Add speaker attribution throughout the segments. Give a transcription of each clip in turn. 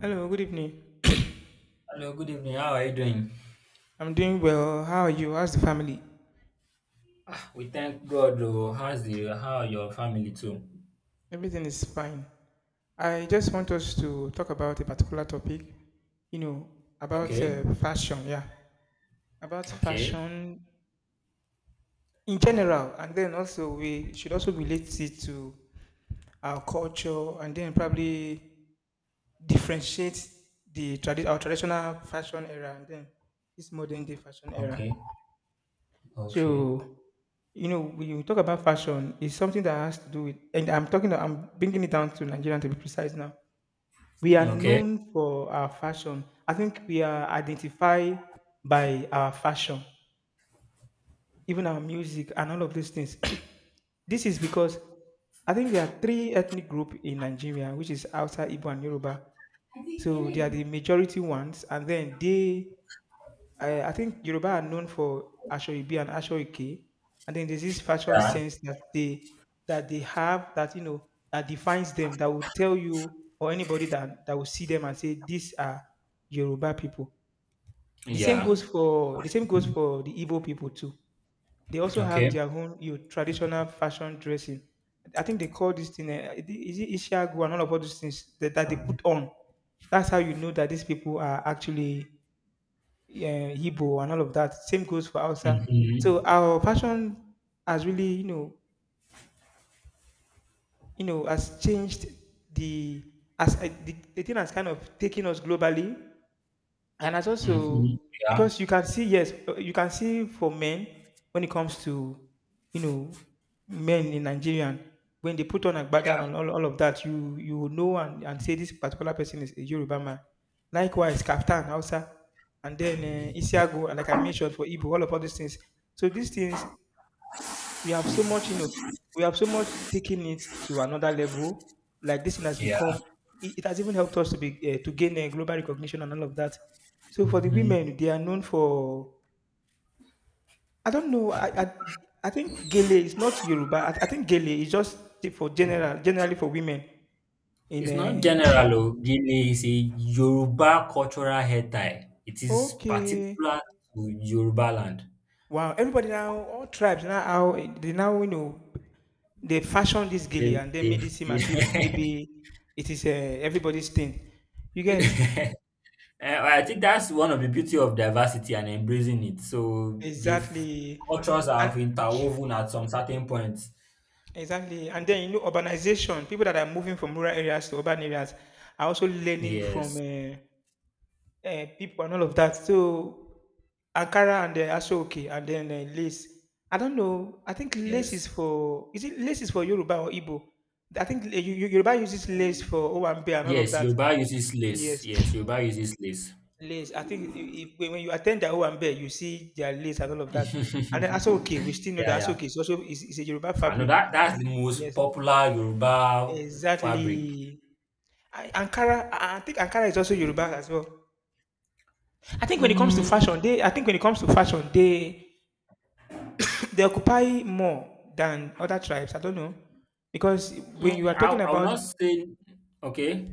Speaker 1: Hello, good evening.
Speaker 2: Hello, good evening. How are you doing?
Speaker 1: I'm doing well. How are you? How's the family?
Speaker 2: We thank God. Oh, how's the how are your family too?
Speaker 1: Everything is fine. I just want us to talk about a particular topic, you know, about
Speaker 2: Okay,
Speaker 1: fashion, yeah. About
Speaker 2: okay,
Speaker 1: fashion in general, and then also we should also relate it to our culture and then probably differentiate the our traditional fashion era and then this modern day fashion era.
Speaker 2: okay, okay,
Speaker 1: So, you know, when you talk about fashion, it's something that has to do with, and I'm talking, I'm bringing it down to Nigerian to be precise now. We are
Speaker 2: okay.
Speaker 1: known for our fashion. I think we are identified by our fashion, even our music and all of these things. This is because I think there are three ethnic group in Nigeria, which is Hausa, Igbo, and Yoruba. So they are the majority ones, and then they I think Yoruba are known for Ashoibi and Ashoike, and then there's this fashion
Speaker 2: Yeah,
Speaker 1: sense that they have that you know that defines them that will tell you or anybody that that will see them and say these are Yoruba people. The same
Speaker 2: yeah.
Speaker 1: goes for the same goes for the Igbo people too. They also have
Speaker 2: Okay.
Speaker 1: their own, you know, traditional fashion dressing. I think they call this thing is it Ishiagu and all of all those things that they put on. That's how you know that these people are actually, yeah, Igbo and all of that. Same goes for Hausa. So
Speaker 2: Mm-hmm.
Speaker 1: our fashion has really, you know, has changed the as the thing has kind of taken us globally. And as also
Speaker 2: Mm-hmm. Yeah,
Speaker 1: because you can see, yes, you can see for men when it comes to, you know, men in Nigerian, when they put on a
Speaker 2: yeah,
Speaker 1: background and all of that, you will know and say this particular person is a Yoruba man. Likewise, Kaftan, Hausa, and then
Speaker 2: yeah,
Speaker 1: Isiago, and like I mentioned for Igbo, all of all these things. So these things we have so much, you know, we have so much taken it to another level. Like this thing has
Speaker 2: yeah.
Speaker 1: become, it has even helped us to be to gain a global recognition and all of that. So for the
Speaker 2: Mm-hmm.
Speaker 1: women, they are known for. I don't know. I think Gele is not Yoruba. I think Gele is just for general, generally for women. In
Speaker 2: It's not general. Oh, Gele is a Yoruba cultural hair tie. It is
Speaker 1: okay,
Speaker 2: particular to Yoruba land.
Speaker 1: wow. Everybody now, all tribes now, how they now you know they fashioned this
Speaker 2: They,
Speaker 1: gilly and they
Speaker 2: they,
Speaker 1: made it seem as if maybe it is, everybody's thing. You get
Speaker 2: they well, I think that's one of the beauty of diversity and embracing it. So
Speaker 1: exactly,
Speaker 2: cultures
Speaker 1: and
Speaker 2: have interwoven at some certain points.
Speaker 1: exactly, and then you know urbanization. People that are moving from rural areas to urban areas are also learning from
Speaker 2: Yes,
Speaker 1: people and all of that. So Ankara and Asoke and then lace. I don't know. I think lace is
Speaker 2: yes.
Speaker 1: for is it lace is for Yoruba or Igbo? I think Yoruba uses lace
Speaker 2: Mm.
Speaker 1: for Owambe and all of
Speaker 2: Yes,
Speaker 1: that.
Speaker 2: Yoruba uses lace.
Speaker 1: Yes.
Speaker 2: Yes, Yoruba uses lace.
Speaker 1: Lace. I think I when you attend their Owambe, you see their lace and all of that. And then that's okay. We still know that
Speaker 2: Yeah,
Speaker 1: that's
Speaker 2: yeah.
Speaker 1: okay. It's also it's is a Yoruba
Speaker 2: I know
Speaker 1: fabric.
Speaker 2: that that's the most
Speaker 1: Yes,
Speaker 2: popular Yoruba fabric.
Speaker 1: exactly. Ankara, I think Ankara is also Yoruba as well.
Speaker 2: Mm,
Speaker 1: I think when it comes to fashion, they they occupy more than other tribes. I don't know because when you are talking
Speaker 2: I will
Speaker 1: about
Speaker 2: not say okay.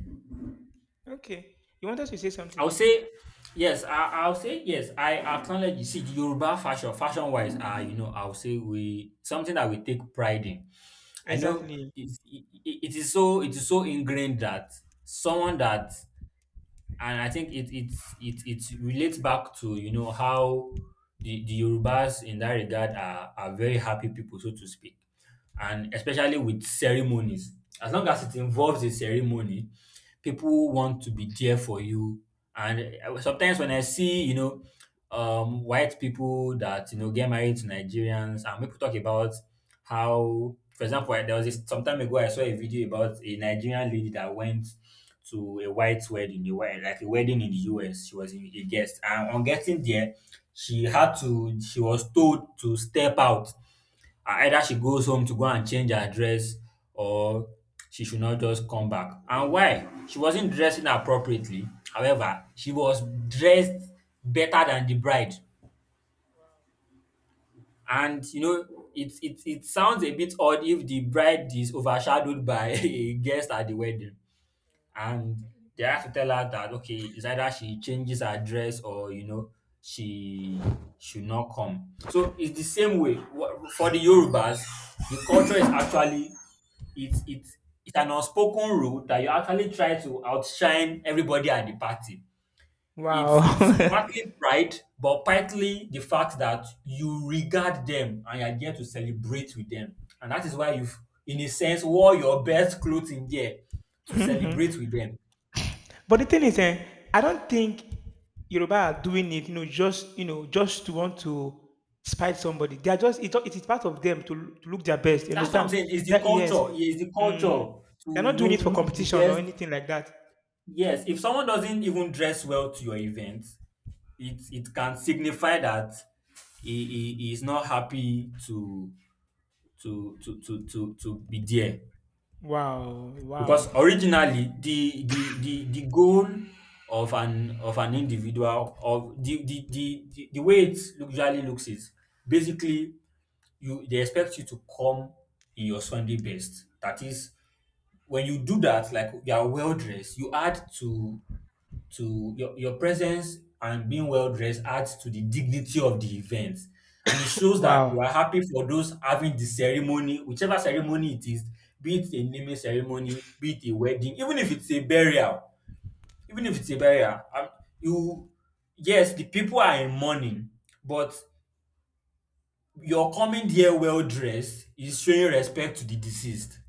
Speaker 1: okay, you want us to say
Speaker 2: I
Speaker 1: something.
Speaker 2: would say yes. I'll say yes. I acknowledge. You see, the Yoruba fashion, fashion wise, Ah, you know, I'll say we something that we take pride in. I know
Speaker 1: Exactly.
Speaker 2: it, it, it is so. It is so ingrained that someone that and I think it it it it relates back to you know how the Yorubas in that regard are very happy people, so to speak, and especially with ceremonies. As long as it involves a ceremony, people want to be there for you. And sometimes when I see white people that you know get married to Nigerians, and people talk about how, for example, there was this, some time ago I saw a video about a Nigerian lady that went to a white wedding, a white like a wedding in the US. She was a guest, and on getting there, she had to. She was told to step out. Either she goes home to go and change her dress, or she should not just come back. And why? She wasn't dressing appropriately. However, she was dressed better than the bride. And you know, it sounds a bit odd if the bride is overshadowed by a guest at the wedding. And they had to tell her that okay, it's either she changes her dress or you know she should not come. So it's the same way. For the Yorubas, the culture is actually it's it's it's an unspoken rule that you actually try to outshine everybody at the party.
Speaker 1: Wow.
Speaker 2: It's partly pride, but partly the fact that you regard them and you're there to celebrate with them, and that is why you've in a sense wore your best clothes in there to celebrate with them.
Speaker 1: But the thing is, I don't think Yoruba are doing it, you know, just, you know, just to want to spite somebody. They are just, it is part of them to look their best. You
Speaker 2: That's what I'm
Speaker 1: understand?
Speaker 2: saying. It's the
Speaker 1: That yes,
Speaker 2: culture. It's the
Speaker 1: mm,
Speaker 2: culture to
Speaker 1: they're not
Speaker 2: you
Speaker 1: doing
Speaker 2: know
Speaker 1: it for
Speaker 2: look the
Speaker 1: competition or
Speaker 2: best.
Speaker 1: anything like that.
Speaker 2: Yes, if someone doesn't even dress well to your event, it can signify that he is not happy to to be there.
Speaker 1: Wow,
Speaker 2: Because
Speaker 1: wow,
Speaker 2: originally the goal of an individual of the way it usually looks is basically you they expect you to come in your Sunday best. That is when you do that, like you are well dressed, you add to your presence, and being well dressed adds to the dignity of the event. And it shows that you
Speaker 1: wow,
Speaker 2: are happy for those having the ceremony, whichever ceremony it is, be it a naming ceremony, be it a wedding, even if it's a burial, even if it's a burial, you yes, the people are in mourning, but your coming there well dressed is showing respect to the deceased.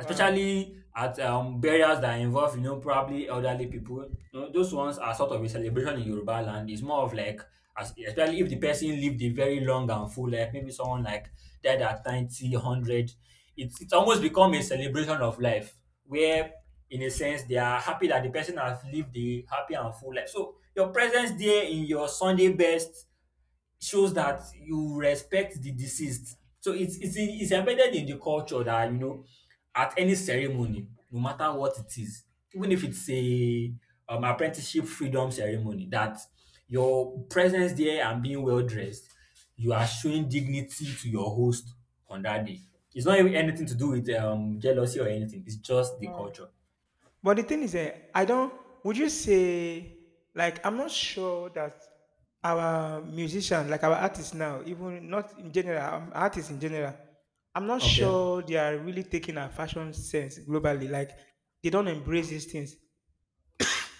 Speaker 1: wow,
Speaker 2: at burials that involve, you know, probably elderly people. You know, those ones are sort of a celebration in Yoruba land. It's more of like, as, especially if the person lived a very long and full life, maybe someone like died at 90, 100, it's almost become a celebration of life where, in a sense, they are happy that the person has lived a happy and full life. So your presence there in your Sunday best shows that you respect the deceased. So it's embedded in the culture that you know at any ceremony, no matter what it is, even if it's a apprenticeship freedom ceremony, that your presence there and being well dressed, you are showing dignity to your host on that day. It's not even anything to do with jealousy or anything. It's just the
Speaker 1: wow.
Speaker 2: culture.
Speaker 1: But the thing is, I don't. Would you say like I'm not sure that our musician, like our artists now, even not in general, artists in general, I'm not
Speaker 2: Okay.
Speaker 1: sure they are really taking our fashion sense globally. Like they don't embrace these things.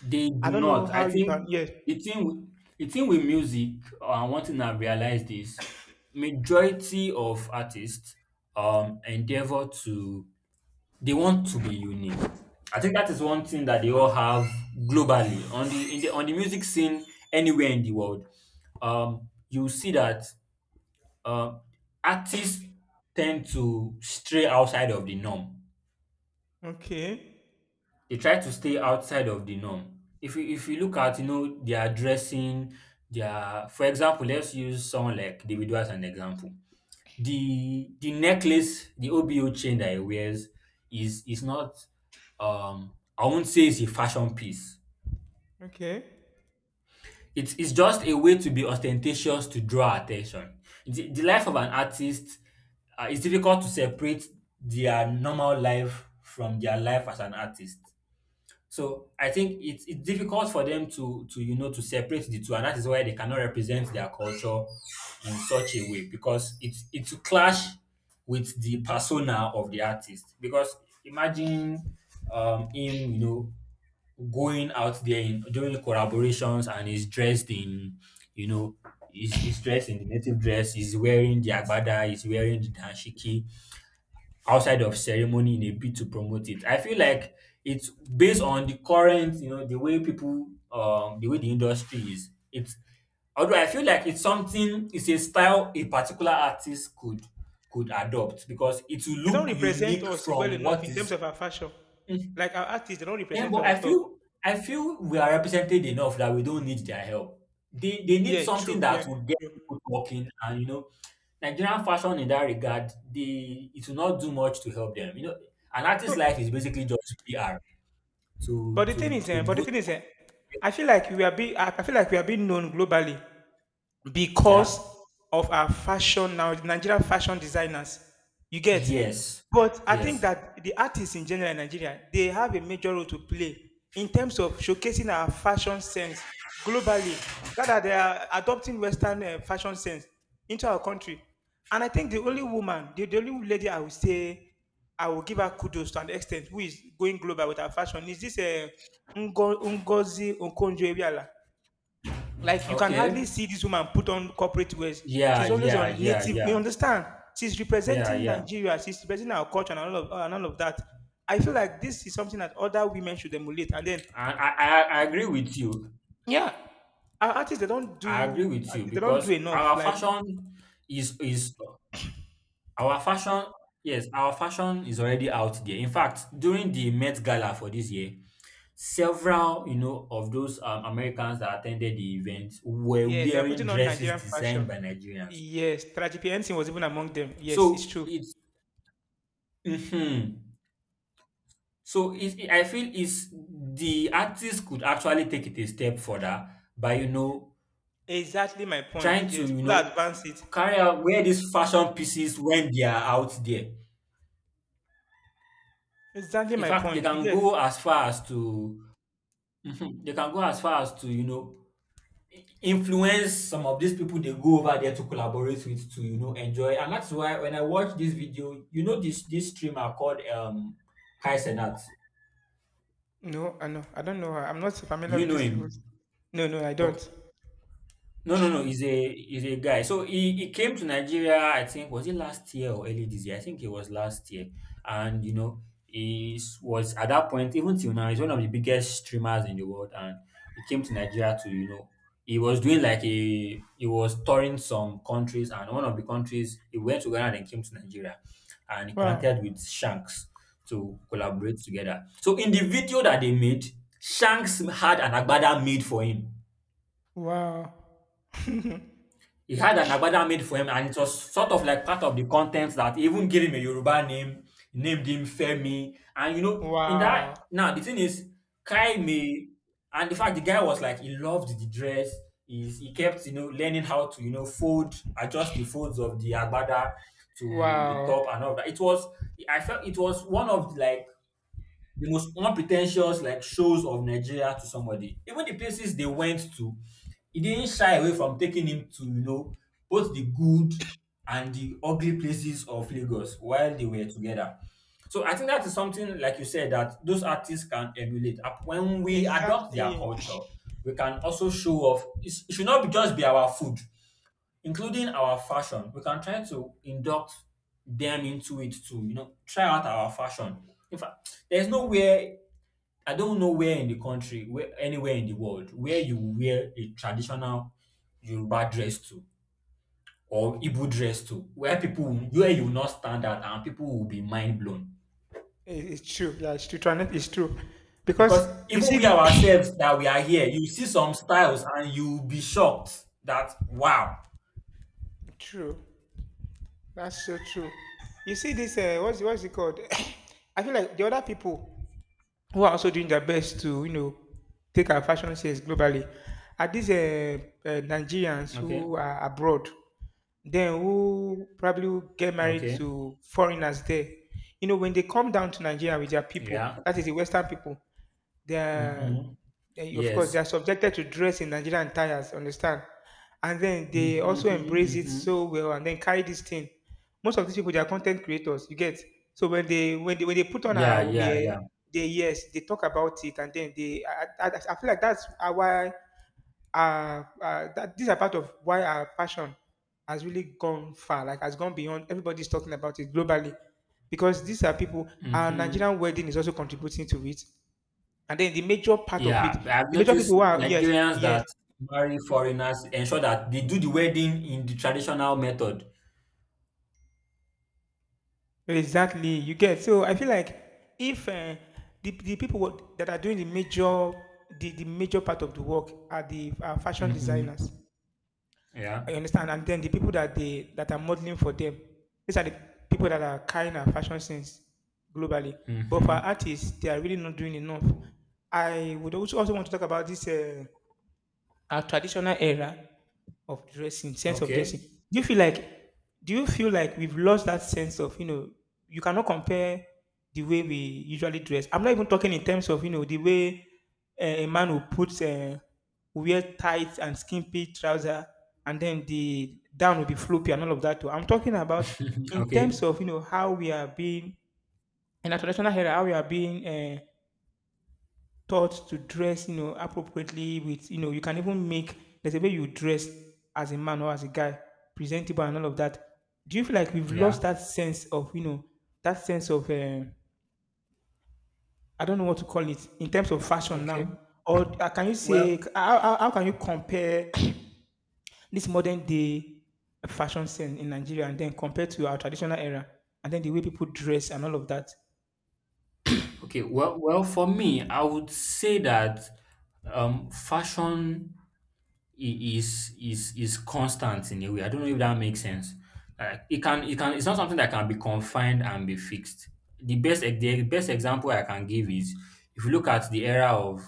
Speaker 2: They
Speaker 1: I
Speaker 2: do
Speaker 1: don't know
Speaker 2: not. I
Speaker 1: how you
Speaker 2: think
Speaker 1: can. Yes.
Speaker 2: the thing with, The thing with music, one thing I've realized is majority of artists endeavor to they want to be unique. I think that is one thing that they all have globally on the in the on the music scene anywhere in the world. You see that um artists tend to stray outside of the norm.
Speaker 1: Okay.
Speaker 2: They try to stay outside of the norm. If you look at, you know, their dressing, their for example, let's use someone like Davido as an example. The necklace, the OBO chain that he wears is not I won't say it's a fashion piece.
Speaker 1: Okay.
Speaker 2: It's just a way to be ostentatious to draw attention. The life of an artist, it's difficult to separate their normal life from their life as an artist. So I think it's difficult for them to you know to separate the two, and that is why they cannot represent their culture in such a way because it's clash with the persona of the artist. Because imagine him you know going out there in, doing collaborations and he's dressed in you know he's dressed in the native dress, he's wearing the agbada, he's wearing the danshiki, outside of ceremony in a bid to promote it. I feel like it's based on the current, you know, the way people, the way the industry is. It's although I feel like it's a style a particular artist could adopt because it will
Speaker 1: They don't
Speaker 2: look
Speaker 1: represent
Speaker 2: unique
Speaker 1: us well
Speaker 2: from
Speaker 1: enough
Speaker 2: what
Speaker 1: in terms
Speaker 2: is
Speaker 1: of our fashion.
Speaker 2: hmm,
Speaker 1: Like our artists, they don't
Speaker 2: yeah,
Speaker 1: represent us
Speaker 2: but
Speaker 1: at all.
Speaker 2: I feel we are represented enough that we don't need their help. They need
Speaker 1: Yeah.
Speaker 2: something
Speaker 1: True. Yeah.
Speaker 2: that will get
Speaker 1: True.
Speaker 2: people talking, and you know, Nigerian fashion in that regard, they it will not do much to help them. You know, an artist's life
Speaker 1: So
Speaker 2: is basically just PR to
Speaker 1: But the thing is, eh, but the
Speaker 2: boost.
Speaker 1: thing is, eh, I feel like we are being, I feel like we are being known globally
Speaker 2: Yeah.
Speaker 1: because of our fashion now, Nigerian fashion designers. You get?
Speaker 2: Yes.
Speaker 1: But I think
Speaker 2: Yes.
Speaker 1: that the artists in general in Nigeria, they have a major role to play in terms of showcasing our fashion sense globally. Rather, they are adopting Western fashion sense into our country. And I think the only woman, the only lady I would say I will give her kudos to an extent who is going global with her fashion is this Ngozi Okonjo-Iweala. Like you can
Speaker 2: Okay.
Speaker 1: hardly see this woman put on corporate wears.
Speaker 2: Yeah.
Speaker 1: She's always
Speaker 2: Yeah.
Speaker 1: on
Speaker 2: Yeah.
Speaker 1: native. You
Speaker 2: Yeah.
Speaker 1: understand? She's
Speaker 2: Yeah.
Speaker 1: representing
Speaker 2: Yeah.
Speaker 1: Nigeria. She's representing our culture and all of that. I feel like this is something that other women should emulate. And then,
Speaker 2: I agree with you.
Speaker 1: yeah, our artists
Speaker 2: I agree with you
Speaker 1: they don't do
Speaker 2: because
Speaker 1: enough. Like
Speaker 2: is is our fashion, yes, our fashion is already out there. In fact, during the Met Gala for this year, several, you know, of those Americans that attended the event were
Speaker 1: yes, they were
Speaker 2: wearing
Speaker 1: putting on
Speaker 2: dresses
Speaker 1: Nigerian
Speaker 2: designed
Speaker 1: fashion.
Speaker 2: by Nigerians.
Speaker 1: Yes, Tragic Henson was even among them. Yes, it's
Speaker 2: So
Speaker 1: true.
Speaker 2: it's, mhm. So it's, I feel it's the artists could actually take it a step further by, you know,
Speaker 1: Exactly my point.
Speaker 2: trying to,
Speaker 1: Yes,
Speaker 2: you
Speaker 1: further
Speaker 2: know,
Speaker 1: advance it.
Speaker 2: carry out wear these fashion pieces when they are out there.
Speaker 1: Exactly
Speaker 2: In
Speaker 1: my
Speaker 2: fact, they
Speaker 1: point. You
Speaker 2: can
Speaker 1: get
Speaker 2: go as far as to Mhm. They can go as far as to, you know, influence some of these people they go over there to collaborate with to, you know, enjoy. And that's why when I watch this video, you know this streamer called Kai Cenat.
Speaker 1: No, I know. I don't know her. I'm not so
Speaker 2: Do
Speaker 1: familiar
Speaker 2: you
Speaker 1: with
Speaker 2: know
Speaker 1: these people.
Speaker 2: him?
Speaker 1: No, no, I don't.
Speaker 2: Okay. No, no, no. He's a guy. So he came to Nigeria. I think was it last year or early this year? I think it was last year. And you know, was at that point, even till now. He's one of the biggest streamers in the world. And he came to Nigeria to you know he was doing like a he was touring some countries. And one of the countries he went to Ghana and then came to Nigeria, and he
Speaker 1: Wow.
Speaker 2: connected with Shanks to collaborate together. So in the video that they made, Shanks had an agbada made for him.
Speaker 1: Wow.
Speaker 2: He had an agbada made for him, and it was sort of like part of the content that he even gave him a Yoruba name, named him Femi. And you know, in
Speaker 1: Wow.
Speaker 2: that now the thing is, Kai may and the fact the guy was like he loved the dress, is he kept you know learning how to you know fold, adjust the folds of the agbada to the
Speaker 1: Wow.
Speaker 2: top and all that. It was I felt it was one of like the most unpretentious like shows of Nigeria to somebody. Even the places they went to, he didn't shy away from taking him to, you know, both the good and the ugly places of Lagos while they were together. So I think that is something, like you said, that those artists can emulate. When we adopt
Speaker 1: Exactly.
Speaker 2: their
Speaker 1: It-
Speaker 2: culture, we can also show off. It should not be just be our food, including our fashion. We can try to induct them into it too. You know, try out our fashion. In fact, there's nowhere, I don't know where in the country, where anywhere in the world, where you wear a traditional Yoruba dress to or Igbo dress to, where you will not stand out and people will be mind blown.
Speaker 1: It's true. Yeah, it's true. Toinette, it's true. Because
Speaker 2: Because
Speaker 1: you
Speaker 2: even
Speaker 1: see
Speaker 2: we
Speaker 1: the
Speaker 2: ourselves that we are here, you see some styles and you will be shocked that wow.
Speaker 1: true. That's so true. You see this what's it called? I feel like the other people who are also doing their best to, you know, take our fashion sense globally are these Nigerians
Speaker 2: Okay.
Speaker 1: who are abroad, then who probably will get married
Speaker 2: Okay.
Speaker 1: to foreigners there? You know, when they come down to Nigeria with their people,
Speaker 2: Yeah.
Speaker 1: that is the Western people, they're,
Speaker 2: Hmm.
Speaker 1: of course they
Speaker 2: Yes.
Speaker 1: are subjected to dress in Nigerian attires, understand? And then they also embrace
Speaker 2: Hmm.
Speaker 1: it
Speaker 2: Hmm.
Speaker 1: so well and then carry this thing. Most of these people they are content creators, you get. So when they put on
Speaker 2: Yeah.
Speaker 1: our
Speaker 2: Yeah.
Speaker 1: wear,
Speaker 2: Yeah.
Speaker 1: they yes, they talk about it and then they, I I feel like that's why uh, that these are part of why our passion has really gone far, like has gone beyond everybody's talking about it globally. Because these are people our
Speaker 2: Hmm.
Speaker 1: Nigerian wedding is also contributing to it and then the major part of it,
Speaker 2: Yeah, I've
Speaker 1: the major people
Speaker 2: noticed
Speaker 1: who are yes,
Speaker 2: Nigerians
Speaker 1: yes,
Speaker 2: that marry foreigners ensure that they do the wedding in the traditional method.
Speaker 1: exactly. You get so I feel like if the people that are doing the major the major part of the work are the are fashion
Speaker 2: Mm-hmm.
Speaker 1: designers.
Speaker 2: Yeah.
Speaker 1: I understand, and then the people that they that are modeling for them, these are the people that are carrying our fashion sense globally. But for
Speaker 2: Mm-hmm.
Speaker 1: artists, they are really not doing enough. I would also want to talk about this. Our traditional era of dressing, sense of dressing.
Speaker 2: Okay.
Speaker 1: Do you feel like do you feel like we've lost that sense of, you know, you cannot compare the way we usually dress. I'm not even talking in terms of, you know, the way a man who puts wear tights and skimpy trouser and then the down will be floppy and all of that too. I'm talking about
Speaker 2: Mhm.
Speaker 1: in terms
Speaker 2: Okay.
Speaker 1: of, you know, how we are being in our traditional era, how we are being taught to dress, you know, appropriately with, you know, you can even make there's a way you dress as a man or as a guy, presentable and all of that. Do you feel like we've
Speaker 2: Yeah.
Speaker 1: lost that sense of, you know, that sense of I don't know what to call it in terms of fashion now?
Speaker 2: Okay.
Speaker 1: Or can you say
Speaker 2: Well.
Speaker 1: how, can you compare this modern day fashion sense in Nigeria and then compare to our traditional era and then the way people dress and all of that?
Speaker 2: Okay. Well. Well. For me, I would say that fashion is constant in a way. I don't know if that makes sense. It's not something that can be confined and be fixed. The best ex- the best example I can give is if you look at the era of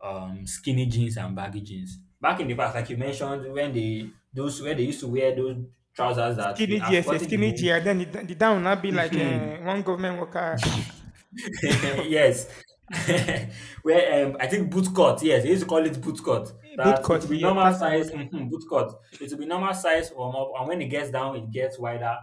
Speaker 2: skinny jeans and baggy jeans. Back in the past, like you mentioned, when they those where they used to wear those trousers that
Speaker 1: Skinny
Speaker 2: you,
Speaker 1: jeans,
Speaker 2: I've
Speaker 1: GSS,
Speaker 2: forgotten the
Speaker 1: skinny jeans. And then the down will not be like
Speaker 2: name.
Speaker 1: one government worker.
Speaker 2: Yes.
Speaker 1: Listen,
Speaker 2: Where I think boot cut, yes, they used to call it boot cut.
Speaker 1: boot
Speaker 2: That it
Speaker 1: cut.
Speaker 2: will be
Speaker 1: Yes,
Speaker 2: normal
Speaker 1: that's the
Speaker 2: size,
Speaker 1: word.
Speaker 2: mhm, boot cut. It will be normal size from up, and when it gets down, it gets wider.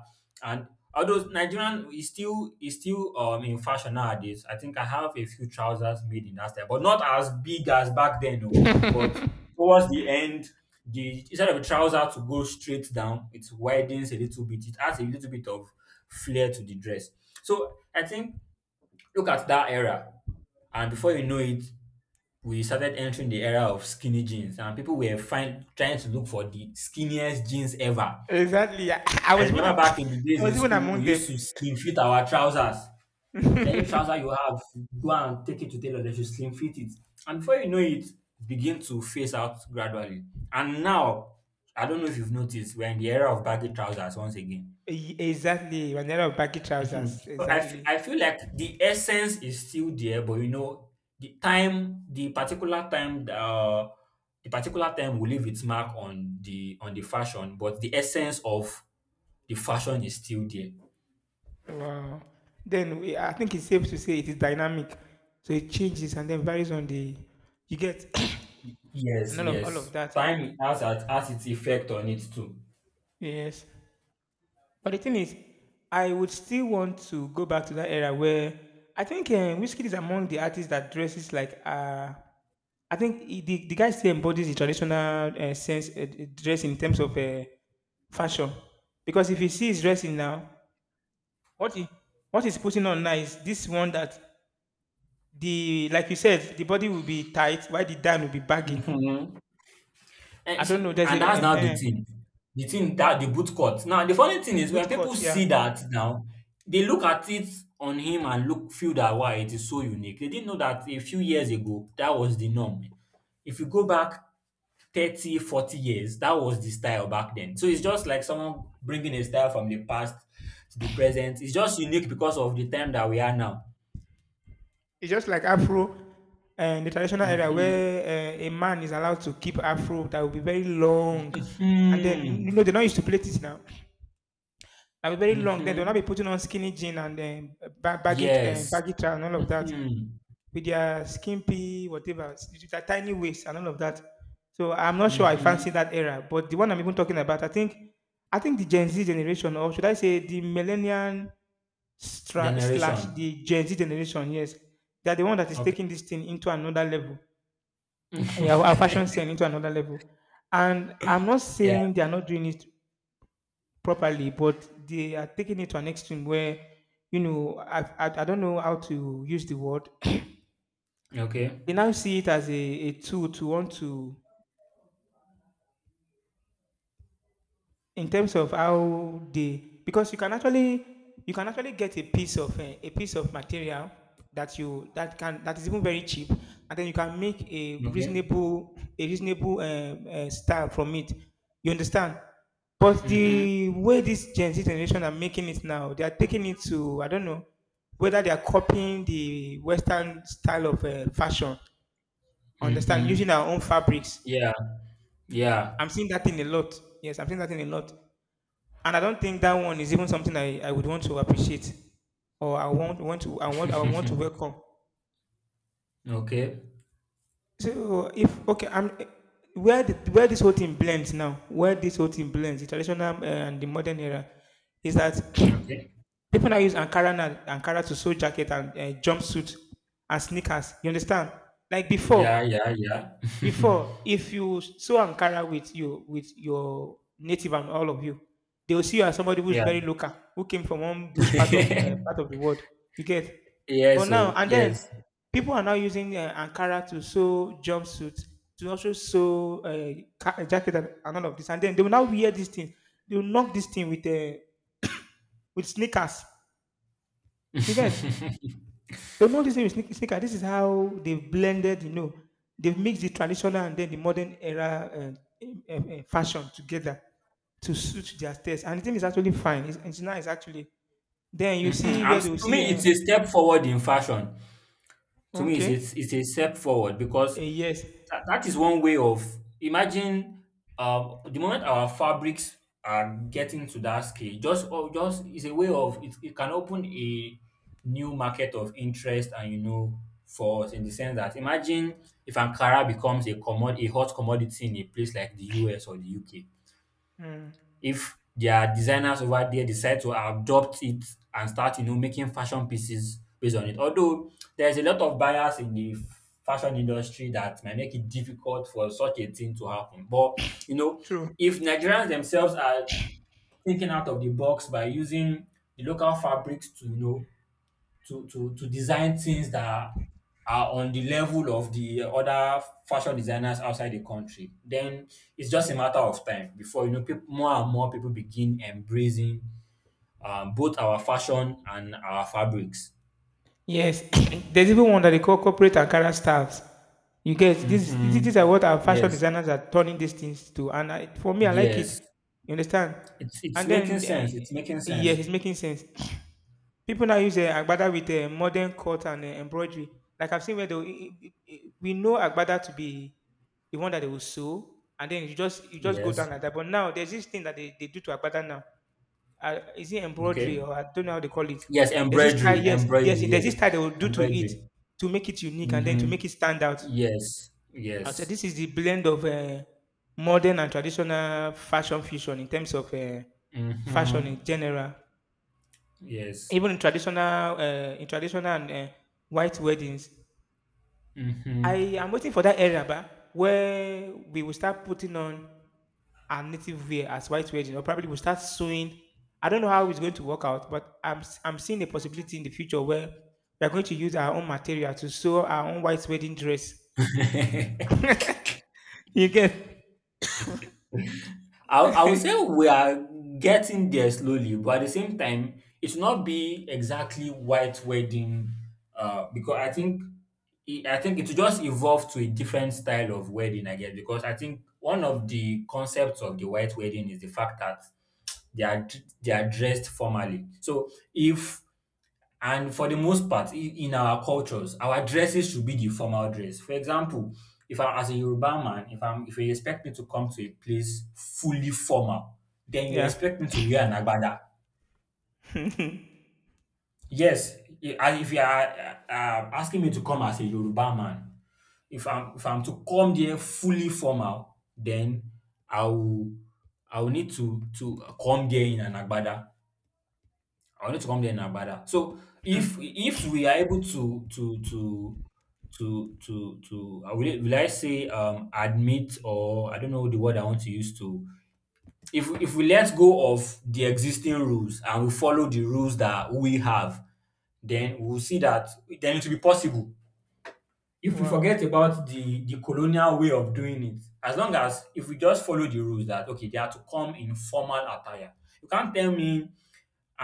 Speaker 2: And although Nigerian is still in fashion nowadays, I think I have a few trousers made in that style, but not as big as back then, no. But towards the end, the instead of the trouser to go straight down, it widens a little bit. It adds a little bit of flair to the dress. So I think look at that era. And before you know it, we started entering the era of skinny jeans, and people were trying to look for the skinniest jeans ever.
Speaker 1: Exactly. I, I
Speaker 2: I
Speaker 1: was even
Speaker 2: remember back in the
Speaker 1: I
Speaker 2: days
Speaker 1: was
Speaker 2: in
Speaker 1: even
Speaker 2: school,
Speaker 1: among
Speaker 2: we
Speaker 1: them.
Speaker 2: used to slim fit our trousers. Any trouser you have, go and take it to tailor, they should slim fit it. And before you know it, it begin to phase out gradually. And now, I don't know if you've noticed, we're in the era of baggy trousers once again.
Speaker 1: Exactly. Vanilla of baggy
Speaker 2: Mhm.
Speaker 1: trousers.
Speaker 2: So
Speaker 1: Exactly.
Speaker 2: I feel like the essence is still there, but you know, the time, the particular time, the particular time will leave its mark on the fashion, but the essence of the fashion is still there.
Speaker 1: Wow. Then we, I think it's safe to say it is dynamic. So it changes and then varies on the. You get
Speaker 2: Yes,
Speaker 1: and all of
Speaker 2: yes.
Speaker 1: that.
Speaker 2: Time has its effect on it too.
Speaker 1: Yes. But the thing is, I would still want to go back to that era where I think Whiskey is among the artists that dresses like. I think the guy still embodies the traditional sense dress in terms of fashion. Because if you see his dressing now, what he what he's putting on now is this one that the like you said, the body will be tight, while the down will be baggy.
Speaker 2: Mhm. And
Speaker 1: I
Speaker 2: you
Speaker 1: don't
Speaker 2: see,
Speaker 1: know. There's
Speaker 2: and
Speaker 1: a
Speaker 2: that's now the thing. The thing that the boot cut. Now the funny thing is
Speaker 1: boot
Speaker 2: when
Speaker 1: cut,
Speaker 2: people see
Speaker 1: yeah.
Speaker 2: that now, they look at it on him and look feel that why it is so unique. They didn't know that a few years ago that was the norm. If you go back 30, 40 years, that was the style back then. So it's just like someone bringing a style from the past to the present. It's just unique because of the time that we are now.
Speaker 1: It's just like afro and the traditional area
Speaker 2: Mhm.
Speaker 1: where a man is allowed to keep afro that will be very long. And then,
Speaker 2: Mhm.
Speaker 1: they're not used to plait it now. That will be very long. Then they'll not be
Speaker 2: Mhm.
Speaker 1: putting on skinny jean and then baggy,
Speaker 2: Yes.
Speaker 1: baggy trousers and all of that
Speaker 2: Mhm.
Speaker 1: with their skimpy, whatever, with their tiny waist and all of that. So I'm not sure I fancy
Speaker 2: Mhm.
Speaker 1: that era. But the one I'm even talking about, I think the Gen Z generation, or should I say the millennial slash
Speaker 2: Generation.
Speaker 1: the Gen Z generation, yes, they are the one that is
Speaker 2: Okay.
Speaker 1: taking this thing into another level. Yeah, our fashion sense into another level. And I'm not
Speaker 2: Yeah.
Speaker 1: saying they are not doing it properly, but they are taking it to an extreme where, I don't know how to use the word. They
Speaker 2: Okay.
Speaker 1: now see it as a tool to want to. In terms of how they, because you can actually get a piece of material that you that can that is even very cheap and then you can make
Speaker 2: Okay.
Speaker 1: a reasonable style from it, you understand. But
Speaker 2: Mhm.
Speaker 1: the way this Gen Z generation are making it now, they are taking it to, I don't know whether they are copying the Western style of fashion, understand,
Speaker 2: Mhm.
Speaker 1: using our own fabrics.
Speaker 2: Yeah. Yeah.
Speaker 1: I'm seeing that in a lot yes I'm seeing that in a lot, and I don't think that one is even something I would want to appreciate or I want to welcome.
Speaker 2: Okay.
Speaker 1: So if okay, I'm where where this whole thing blends now, where this whole thing blends, the traditional and the modern era, is that
Speaker 2: Okay.
Speaker 1: people now use Ankara now, Ankara to sew jacket and jumpsuit and sneakers. You understand? Like before,
Speaker 2: Yeah. Yeah. Yeah.
Speaker 1: before, if you sew Ankara with you with your native and all of you, they will see you as somebody who's
Speaker 2: Yeah.
Speaker 1: very local, who came from one bush part of the world. You get,
Speaker 2: Yeah.
Speaker 1: but now
Speaker 2: So
Speaker 1: and then,
Speaker 2: yes.
Speaker 1: people are now using Ankara to sew jumpsuits, to also sew jacket and all of this, and then they will now wear these things. They will knock this thing with sneakers. You get. They'll not listen with sneaker. This is how they've blended, you know, they've mixed the traditional and then the modern era and, fashion together to suit their taste. And the thing is actually fine. It's nice, actually. Then you
Speaker 2: Mhm.
Speaker 1: see
Speaker 2: I'm
Speaker 1: where they will
Speaker 2: To
Speaker 1: see,
Speaker 2: me, it's a step forward in fashion. To me, it's
Speaker 1: okay,
Speaker 2: a, it's a step forward because
Speaker 1: yes,
Speaker 2: that is one way of imagine the moment our fabrics are getting to that scale just oh, just is a way of it can open a new market of interest, and you know, for us, in the sense that imagine if Ankara becomes a commod a hot commodity in a place like the US or the UK,
Speaker 1: mm,
Speaker 2: if their designers over there decide to adopt it and start, you know, making fashion pieces based on it. Although there's a lot of bias in the fashion industry that might make it difficult for such a thing to happen. But you know,
Speaker 1: true.
Speaker 2: if Nigerians themselves are thinking out of the box by using the local fabrics to, you know, to design things that are on the level of the other fashion designers outside the country, then it's just a matter of time before, you know, people, more and more people begin embracing both our fashion and our fabrics.
Speaker 1: Yes, there's even one that they call corporate Ankara styles. You get this.
Speaker 2: Mm-hmm.
Speaker 1: These are what our fashion
Speaker 2: Yes,
Speaker 1: designers are turning these things to, and for me, I like it.
Speaker 2: yes,
Speaker 1: You understand?
Speaker 2: it's
Speaker 1: And then,
Speaker 2: making sense. It's making
Speaker 1: yes,
Speaker 2: sense.
Speaker 1: it's making sense. People now use agbada with modern cut and embroidery. Like I've seen where they will- I- we know agbada to be the one that they will sew, and then you just go down
Speaker 2: Yes.
Speaker 1: like that. But now there's this thing that they do to agbada now. Is it embroidery
Speaker 2: Okay.
Speaker 1: or I don't know how they call it?
Speaker 2: Yes,
Speaker 1: There's this style,
Speaker 2: embroidery,
Speaker 1: yes, yes,
Speaker 2: embroidery.
Speaker 1: there's this
Speaker 2: Yes,
Speaker 1: style they will do to it
Speaker 2: embroidery.
Speaker 1: to make it unique and then to
Speaker 2: Mm-hmm.
Speaker 1: make it stand out.
Speaker 2: Yes,
Speaker 1: I said
Speaker 2: yes.
Speaker 1: this is the blend of modern and traditional fashion fusion in terms of fashion in
Speaker 2: Mm-hmm.
Speaker 1: general.
Speaker 2: Yes.
Speaker 1: Even in traditional and white weddings, I
Speaker 2: Mm-hmm.
Speaker 1: am waiting for that era, but where we will start putting on our native wear as white wedding, or probably we'll start sewing. I don't know how it's going to work out, but I'm seeing a possibility in the future where we are going to use our own material to sew our own white wedding dress.
Speaker 2: I
Speaker 1: You get?
Speaker 2: I would say we are getting there slowly, but at the same time, it should not be exactly white wedding, because I think it will just evolve to a different style of wedding, I guess, because I think one of the concepts of the white wedding is the fact that they are dressed formally. So if, and for the most part, in, our cultures, our dresses should be the formal dress. For example, if I, as a Yoruba man, if you expect me to come to a place fully formal, then you
Speaker 1: Yeah.
Speaker 2: expect me to wear an agbada. Yes, and if you are asking me to come as a Yoruba man, if I'm to come there fully formal, then I will I will need to come there in an agbada. I wanted to come there in Abada. So if we are able to will I say admit or I don't know the word I want to use to if we let go of the existing rules and we follow the rules that we have, then
Speaker 1: Mm.
Speaker 2: we'll see that then it will be possible. If we
Speaker 1: Wow.
Speaker 2: forget about the colonial way of doing it, as long as if we just follow the rules that okay, they are to come in formal attire. You can't tell me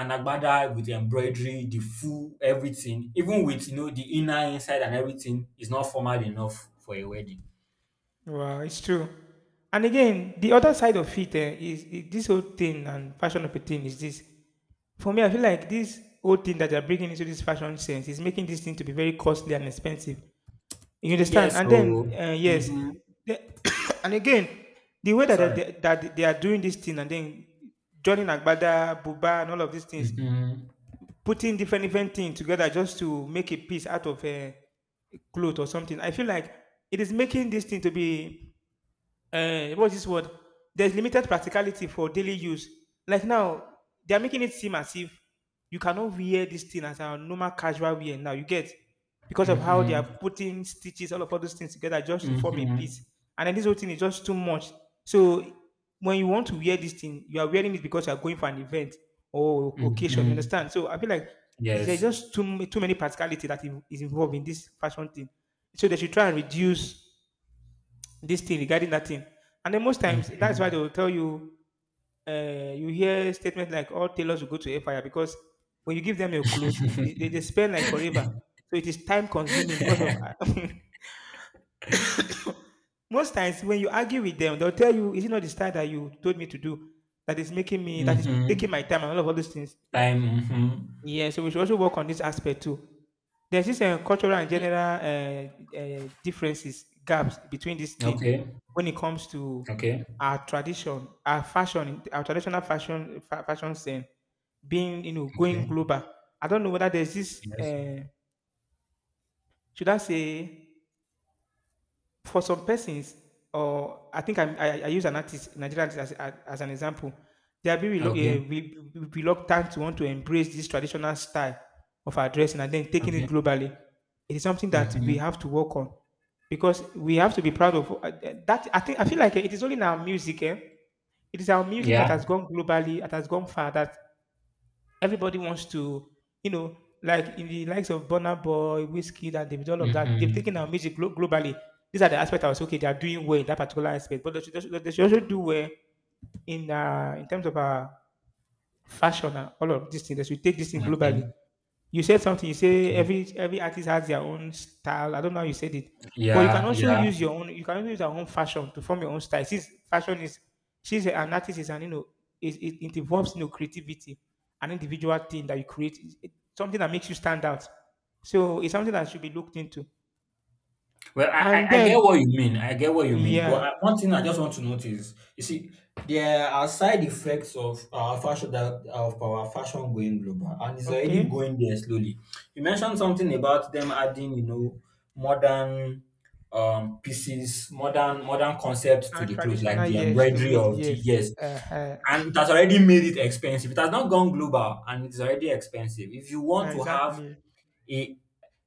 Speaker 2: an agbada with the embroidery, the full everything, even with, you know, the inner inside and everything is not formal enough for a wedding.
Speaker 1: Wow, it's true. And again, the other side of it eh, is this whole thing and fashion of a thing is this. For me, I feel like this whole thing that they're bringing into this fashion sense is making this thing to be very costly and expensive. You
Speaker 2: Yes,
Speaker 1: understand? And then,
Speaker 2: so
Speaker 1: yes,
Speaker 2: mm-hmm.
Speaker 1: the, and again, the way
Speaker 2: Sorry.
Speaker 1: that they are doing this thing, and then Johnny Nagbada, Buba, and all of these things,
Speaker 2: Mm-hmm.
Speaker 1: putting different different things together just to make a piece out of a cloth or something. I feel like it is making this thing to be what's this word? There's limited practicality for daily use. Like now, they're making it seem as if you cannot wear this thing as a normal casual wear now. You get, because of how they are
Speaker 2: Mm-hmm.
Speaker 1: putting stitches, all those things together just to form a
Speaker 2: Mm-hmm.
Speaker 1: piece. And then this whole thing is just too much. So when you want to wear this thing, you are wearing it because you are going for an event or occasion. You
Speaker 2: Mm-hmm.
Speaker 1: understand? So I feel like there's
Speaker 2: Yes.
Speaker 1: just too many practicality that is involved in this fashion thing. So they should try and reduce this thing regarding that thing. And then most times that's why they
Speaker 2: Mm-hmm.
Speaker 1: will tell you you hear statements like all tailors will go to a fire because when you give them your clothes, they spend like forever. So it is time consuming because of most times when you argue with them, they'll tell you, is it not the style that you told me to do that is taking my
Speaker 2: Mm-hmm.
Speaker 1: time and all those things?
Speaker 2: Time. Mm-hmm.
Speaker 1: Yeah, so we should also work on this aspect too. There's this cultural and general differences, gaps between this thing
Speaker 2: Okay.
Speaker 1: when it comes to
Speaker 2: Okay.
Speaker 1: our tradition, our fashion, our traditional fashion, fashion scene being, you know, going
Speaker 2: Okay.
Speaker 1: global. I don't know whether there's this,
Speaker 2: Yes.
Speaker 1: should I say, for some persons, or I think I use an artist, Nigerian artist, as an example, they are being
Speaker 2: Okay.
Speaker 1: reluctant to want to embrace this traditional style of our dressing and then taking it
Speaker 2: Okay.
Speaker 1: globally. It is something that we
Speaker 2: Mm-hmm.
Speaker 1: have to work on because we have to be proud of that. I think I feel like eh, it is only in our music. Eh? It is our music that
Speaker 2: Yeah.
Speaker 1: has gone globally, that has gone far. That everybody wants to, you know, like in the likes of Burna Boy, Whiskey, and David, all of that, they've
Speaker 2: Mm-hmm.
Speaker 1: taken our music globally. These are the aspects I was okay, they are doing well in that particular aspect, but they should also do well in terms of fashion and all of these things. They should take this thing globally.
Speaker 2: Okay.
Speaker 1: You said something. You say
Speaker 2: Okay.
Speaker 1: every artist has their own style. I don't know how you said it, but you can
Speaker 2: Yeah.
Speaker 1: also
Speaker 2: Yeah.
Speaker 1: use your own. You can also use your own fashion to form your own style. Since fashion is, she's an artist is an you know it involves you know creativity, an individual thing that you create. It's- it- something that makes you stand out. So it's something that should be looked into.
Speaker 2: Well, I,
Speaker 1: And
Speaker 2: I, I get
Speaker 1: then
Speaker 2: what you mean. I get what you mean. But
Speaker 1: yeah,
Speaker 2: I, one thing I just want to notice, you see, there are side effects of our fashion, that of our fashion going global, and it's already
Speaker 1: okay,
Speaker 2: going there slowly. You mentioned something about them adding, you know, modern pieces, modern concepts to
Speaker 1: and
Speaker 2: the clothes, like
Speaker 1: traditional
Speaker 2: the
Speaker 1: yes to
Speaker 2: embroidery
Speaker 1: it,
Speaker 2: of the
Speaker 1: yes,
Speaker 2: yes,
Speaker 1: uh,
Speaker 2: and it has already made it expensive. It has not gone global, and it's already expensive. If you want to have
Speaker 1: exactly.
Speaker 2: a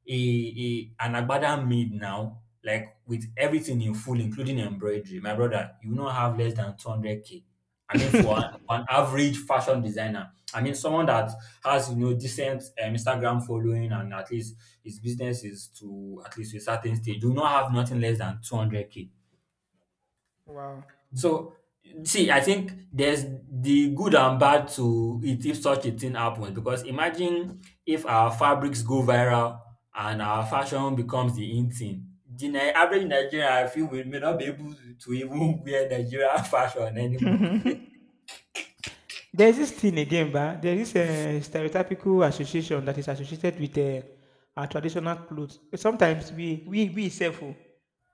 Speaker 2: a an agbada made now, like with everything in full, including embroidery, my brother, you will not have less than 200K. I mean, for an average fashion designer, I mean, someone that has, you know, decent Instagram following and at least his business is to at least a certain stage, you will not have nothing less than 200K.
Speaker 1: Wow.
Speaker 2: So, see, I think there's the good and bad to it if such a thing happens, because imagine if our fabrics go viral and our fashion becomes the in thing. The average Nigerian, I feel, we may not be able to even wear Nigerian fashion anymore.
Speaker 1: There's this thing again, ba. There is a stereotypical association that is associated with our traditional clothes. Sometimes we self oh,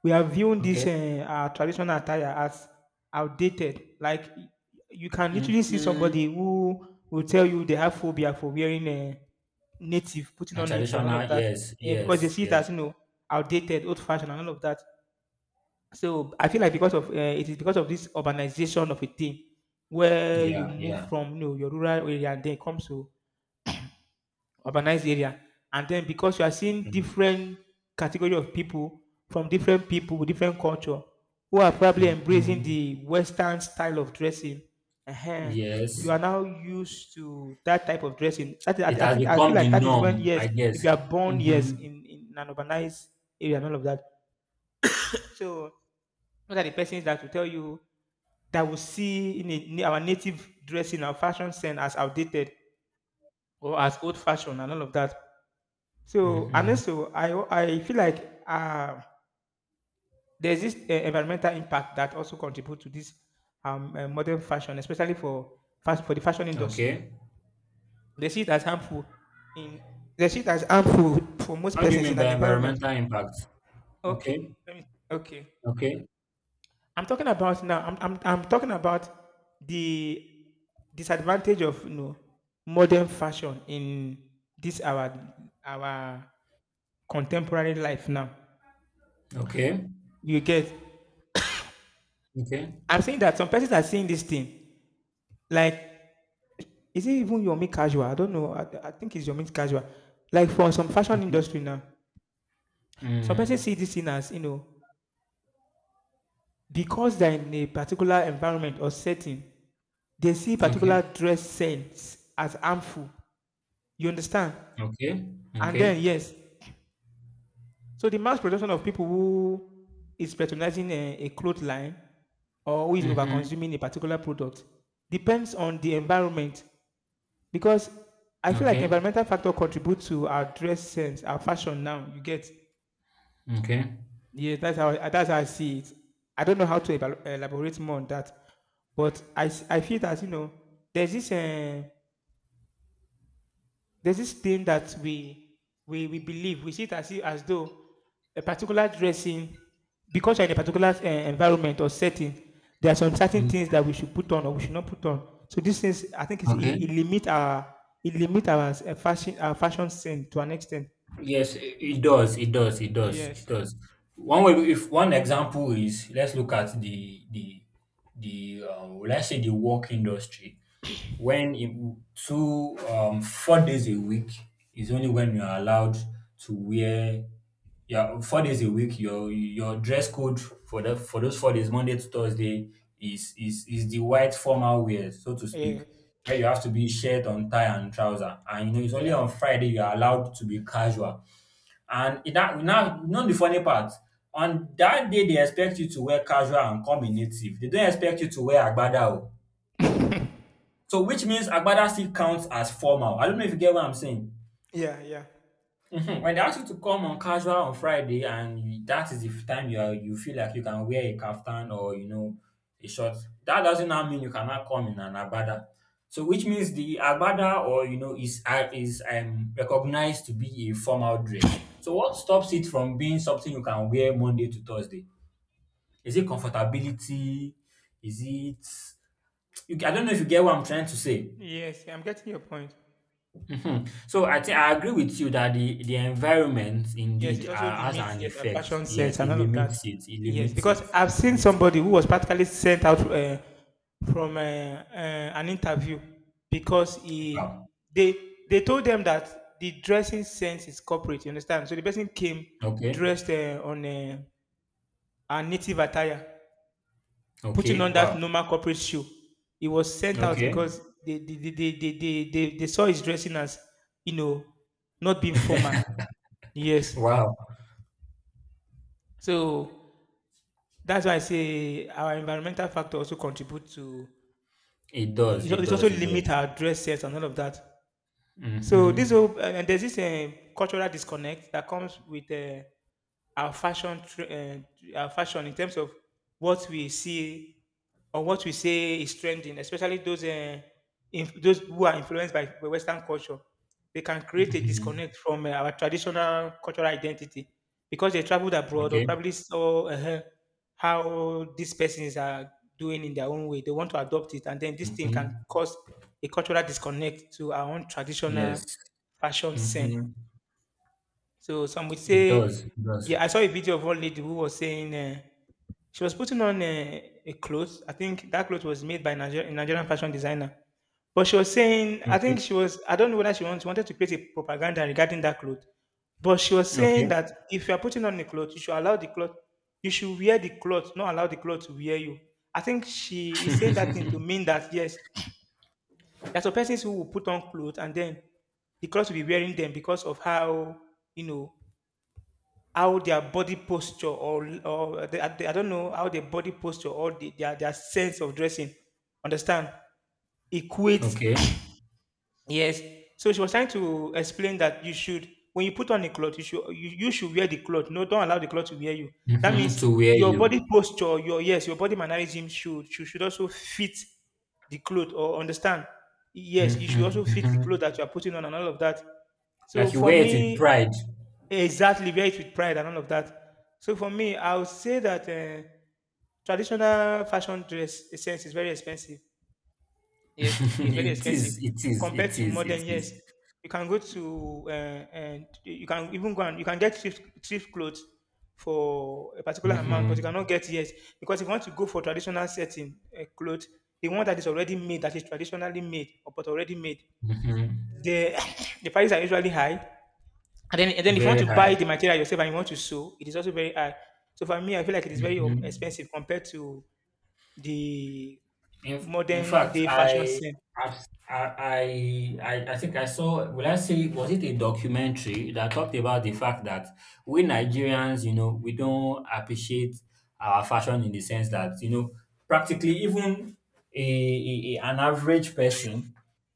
Speaker 1: we are viewing this
Speaker 2: Okay.
Speaker 1: our traditional attire as outdated. Like you can literally see
Speaker 2: Mm-hmm.
Speaker 1: somebody who will tell you they have phobia for wearing a native, putting
Speaker 2: A
Speaker 1: on native and all of
Speaker 2: traditional,
Speaker 1: that,
Speaker 2: yes,
Speaker 1: eh, because they
Speaker 2: yes,
Speaker 1: see it
Speaker 2: yes.
Speaker 1: as you know outdated, old fashioned and all of that. So I feel like because of it is because of this urbanization of a thing where you
Speaker 2: Yeah,
Speaker 1: move
Speaker 2: yeah.
Speaker 1: from you know, your rural area and then comes to urbanized area, and then because you are seeing different category of people from different people with different culture who are probably embracing
Speaker 2: Mm-hmm.
Speaker 1: the Western style of dressing, uh you
Speaker 2: Yes.
Speaker 1: are now used to that type of dressing. That is, I,
Speaker 2: It
Speaker 1: I
Speaker 2: has
Speaker 1: think I feel
Speaker 2: become
Speaker 1: like
Speaker 2: the
Speaker 1: that is when,
Speaker 2: norm,
Speaker 1: yes,
Speaker 2: I
Speaker 1: if
Speaker 2: guess.
Speaker 1: you are born, yes,
Speaker 2: Mm-hmm.
Speaker 1: in an urbanized area and all of that. So those are the persons that will tell you that we see in, a, in our native dressing, our fashion sense as outdated or as old fashioned and all of that. So, and
Speaker 2: Mm-hmm.
Speaker 1: also, I feel like there's this environmental impact that also contributes to this modern fashion, especially for for the fashion industry.
Speaker 2: Okay.
Speaker 1: They see it as harmful in, they see it as harmful for most
Speaker 2: How do you
Speaker 1: persons
Speaker 2: mean
Speaker 1: in an
Speaker 2: by
Speaker 1: environment.
Speaker 2: environmental impact? Okay,
Speaker 1: Okay, let me. Okay,
Speaker 2: okay,
Speaker 1: I'm talking about now. I'm talking about the disadvantage of, you know, modern fashion in this our our contemporary life now.
Speaker 2: okay,
Speaker 1: You get.
Speaker 2: okay,
Speaker 1: I'm saying that some persons are seeing this thing like, is it even your make casual? I don't know. I think it's your make casual. Like for some fashion
Speaker 2: okay,
Speaker 1: industry now, some
Speaker 2: mm.
Speaker 1: persons see this thing as, you know, because they're in a particular environment or setting, they see particular
Speaker 2: Okay,
Speaker 1: dress sense as harmful. You understand?
Speaker 2: okay,
Speaker 1: And then,
Speaker 2: okay,
Speaker 1: yes. So the mass production of people who is patronizing a cloth line or who is
Speaker 2: mm-hmm.
Speaker 1: overconsuming a particular product depends on the environment, because I feel like
Speaker 2: Okay,
Speaker 1: environmental factor contribute to our dress sense, our fashion now. You get,
Speaker 2: okay,
Speaker 1: yeah, that's how that's how I see it. I don't know how to elaborate more on that, but I feel that, you know, there's this uh, there's this thing that we we believe. We see it as if, as though a particular dressing, because you're in a particular environment or setting, there are some certain
Speaker 2: mm.
Speaker 1: things that we should put on or we should not put on. So these things I think is, it
Speaker 2: Okay.
Speaker 1: limit our, it limit our fashion, our fashion sense to an extent.
Speaker 2: Yes, it does, it does, it does, it
Speaker 1: Yes.
Speaker 2: does. One way, if one example is, let's look at the let's say the work industry. When it two 4 days a week is only when you're allowed to wear, yeah, 4 days a week, your dress code for the for those 4 days, Monday to Thursday, is the white formal wear, so to speak,
Speaker 1: Eh,
Speaker 2: where you have to be shirt on tie and trouser. And you know, it's only
Speaker 1: yeah,
Speaker 2: on Friday you're allowed to be casual. And it that now, you know the funny part, on that day they expect you to wear casual and come in native. They don't expect you to wear agbada o. So which means agbada still counts as formal. I don't know if you get what I'm saying.
Speaker 1: yeah, yeah,
Speaker 2: Mhm. When they ask you to come on casual on Friday, and you, that is the time you are, you feel like you can wear a kaftan or, you know, a short, that doesn't now mean you cannot come in an agbada. So which means the agbada or, you know, is recognized to be a formal dress. So what stops it from being something you can wear Monday to Thursday? Is it comfortability? Is it, you, I don't know if you get what I'm trying to say.
Speaker 1: yes, I'm getting your point.
Speaker 2: Mhm. So I think I agree with you that the environment
Speaker 1: Yes,
Speaker 2: indeed
Speaker 1: it also
Speaker 2: has
Speaker 1: limits,
Speaker 2: an
Speaker 1: yes, our
Speaker 2: effect.
Speaker 1: fashion
Speaker 2: Yes,
Speaker 1: sense and
Speaker 2: it
Speaker 1: all of that.
Speaker 2: limits it. It
Speaker 1: Yes,
Speaker 2: limits it.
Speaker 1: because I've
Speaker 2: It
Speaker 1: seen
Speaker 2: limits it.
Speaker 1: somebody who was practically sent out from an interview because he,
Speaker 2: Wow.
Speaker 1: they they told them that the dressing sense is corporate. You understand? So the person came
Speaker 2: Okay.
Speaker 1: dressed on a native attire, putting
Speaker 2: Okay.
Speaker 1: on that
Speaker 2: Wow.
Speaker 1: normal corporate shoe. He was sent out
Speaker 2: Okay.
Speaker 1: because they saw his dressing as, you know, not being formal. Yes.
Speaker 2: Wow.
Speaker 1: So that's why I say our environmental factor also contribute to,
Speaker 2: It
Speaker 1: eh,
Speaker 2: does. It
Speaker 1: it also
Speaker 2: does. It
Speaker 1: limit
Speaker 2: does.
Speaker 1: our dress sense and all of that. So this
Speaker 2: Mm-hmm.
Speaker 1: whole and there's this cultural disconnect that comes with our fashion, our fashion in terms of what we see or what we say is trending, especially those those who are influenced by Western culture. They can create a
Speaker 2: Mm-hmm.
Speaker 1: disconnect from our traditional cultural identity because they traveled abroad or
Speaker 2: Okay.
Speaker 1: probably saw how these persons are doing in their own way. They want to adopt it, and then this thing can
Speaker 2: Mm-hmm.
Speaker 1: cause a cultural disconnect to our own traditional
Speaker 2: Yes.
Speaker 1: fashion scene.
Speaker 2: Mm-hmm.
Speaker 1: So some would
Speaker 2: It
Speaker 1: say,
Speaker 2: does. It does.
Speaker 1: yeah, I saw a video of one lady who was saying she was putting on a clothes. I think that clothes was made by a Nigerian fashion designer. But she was saying, I think
Speaker 2: Okay.
Speaker 1: she was, I don't know whether wanted to create a propaganda regarding that cloth. But she was saying
Speaker 2: Okay.
Speaker 1: that if you are putting on the cloth, you should allow the cloth, you should wear the cloth, not allow the cloth to wear you. I think she is saying that thing to mean that, yes, there are some persons who will put on clothes and then the clothes will be wearing them because of how, you know, how their body posture or they, I don't know how their body posture or their sense of dressing. Understand? Equates
Speaker 2: Okay.
Speaker 1: yes. So she was trying to explain that you should, when you put on a cloth, you should wear the cloth. No, don't allow the cloth to wear you. That
Speaker 2: Mm-hmm.
Speaker 1: means
Speaker 2: To wear
Speaker 1: your
Speaker 2: you.
Speaker 1: body posture, your, yes, your body mannerism should also fit the cloth, or understand. Yes, you should also
Speaker 2: Mm-hmm.
Speaker 1: fit the cloth
Speaker 2: Mm-hmm.
Speaker 1: that you are putting on and all of that. So
Speaker 2: Like you
Speaker 1: for
Speaker 2: wear it with
Speaker 1: me,
Speaker 2: pride.
Speaker 1: exactly, wear it with pride and all of that. So for me, I would say that traditional fashion dress in a sense is very expensive. Yes, it's very
Speaker 2: It
Speaker 1: expensive
Speaker 2: is, it is,
Speaker 1: compared
Speaker 2: it
Speaker 1: to
Speaker 2: is,
Speaker 1: modern.
Speaker 2: it is.
Speaker 1: Yes, you can go to and you can even go and you can get thrift, thrift clothes for a particular amount, but you
Speaker 2: Mhm,
Speaker 1: cannot get, yes, because if you want to go for traditional setting clothes, the one that is already made, that is traditionally made or but already made,
Speaker 2: mhm.
Speaker 1: the the prices are usually high. And then if you want
Speaker 2: Very
Speaker 1: to
Speaker 2: high.
Speaker 1: buy the material yourself and you want to sew, it is also very high. So for me, I feel like it is very
Speaker 2: Mhm.
Speaker 1: expensive compared to the
Speaker 2: In in
Speaker 1: modern
Speaker 2: fact,
Speaker 1: day fashion scene.
Speaker 2: I've, I I I think I saw. Will I say was it a documentary that talked about the fact that we Nigerians, you know, we don't appreciate our fashion in the sense that, you know, practically even an average person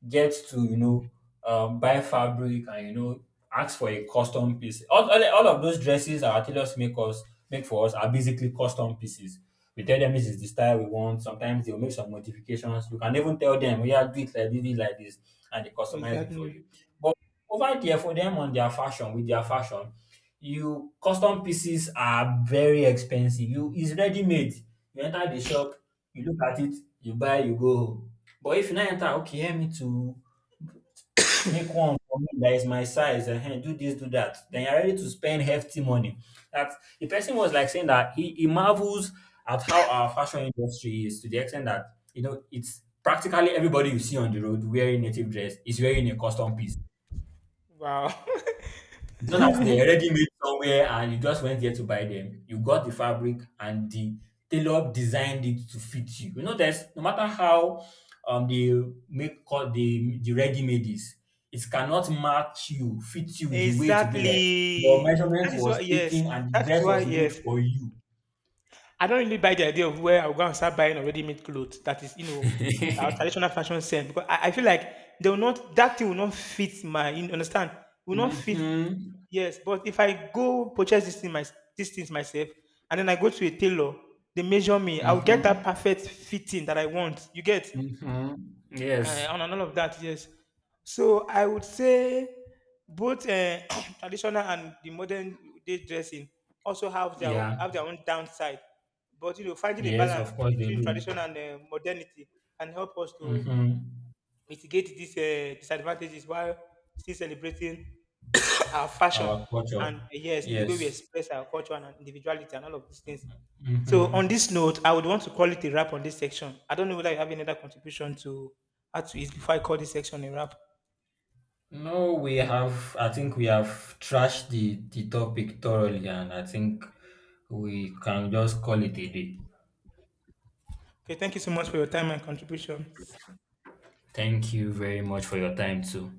Speaker 2: get to, you know, buy fabric and, you know, ask for a custom piece. All of those dresses our tailors make for us are basically custom pieces. We tell them this is the style we want. Sometimes they'll make some modifications. You can even tell them, yeah, do it like this, do it like this, and they customize it for
Speaker 1: Exactly.
Speaker 2: you. But over there for them on their fashion, with their fashion, you custom pieces are very expensive. You it's ready made. You enter the shop, you look at it, you buy, you go home. But if you now enter, okay, help me to make one for me that is my size, do this, do that, then you're ready to spend hefty money. That the person was like saying that he marvels at how our fashion industry is to the extent that, you know, it's practically everybody you see on the road wearing native dress is wearing a custom piece.
Speaker 1: Wow.
Speaker 2: It's not as they already made somewhere and you just went there to buy them. You got the fabric and the tailor designed it to fit you. You know, there's no matter how they make cut the ready-made is, it cannot match you, fit you the way to be like your
Speaker 1: Exactly.
Speaker 2: measurement
Speaker 1: That is why,
Speaker 2: was
Speaker 1: yes.
Speaker 2: taken and the
Speaker 1: That is
Speaker 2: dress
Speaker 1: why,
Speaker 2: was made
Speaker 1: yes,
Speaker 2: for you.
Speaker 1: I don't really buy the idea of where I'll go and start buying already made clothes. That is, you know, our traditional fashion sense. Because I feel like they will not, that thing will not fit my, you understand? Will not fit.
Speaker 2: Mm-hmm.
Speaker 1: Yes. But if I go purchase this thing, my, these things myself, and then I go to a tailor, they measure me, I'll get that
Speaker 2: Mm-hmm.
Speaker 1: perfect fitting that I want. You get?
Speaker 2: Mm-hmm.
Speaker 1: Uh,
Speaker 2: Yes.
Speaker 1: and all of that. Yes. So I would say both traditional and the modern day dressing also
Speaker 2: Yeah.
Speaker 1: have their own downside. But, you know, finding a
Speaker 2: Yes,
Speaker 1: balance
Speaker 2: of course they
Speaker 1: between
Speaker 2: do.
Speaker 1: tradition and modernity can help us to
Speaker 2: Mm-hmm.
Speaker 1: mitigate these disadvantages while still celebrating our fashion
Speaker 2: Our culture.
Speaker 1: and, yes, in the way we
Speaker 2: Yes.
Speaker 1: express our culture and our individuality and all of these things. So
Speaker 2: Hmm.
Speaker 1: on this note, I would want to call it a wrap on this section. I don't know whether you have any other contribution to add to it before I call this section a wrap.
Speaker 2: No, we have. I think we have trashed the topic thoroughly, and I think we can just call it a day.
Speaker 1: Okay, thank you so much for your time and contribution.
Speaker 2: Thank you very much for your time too.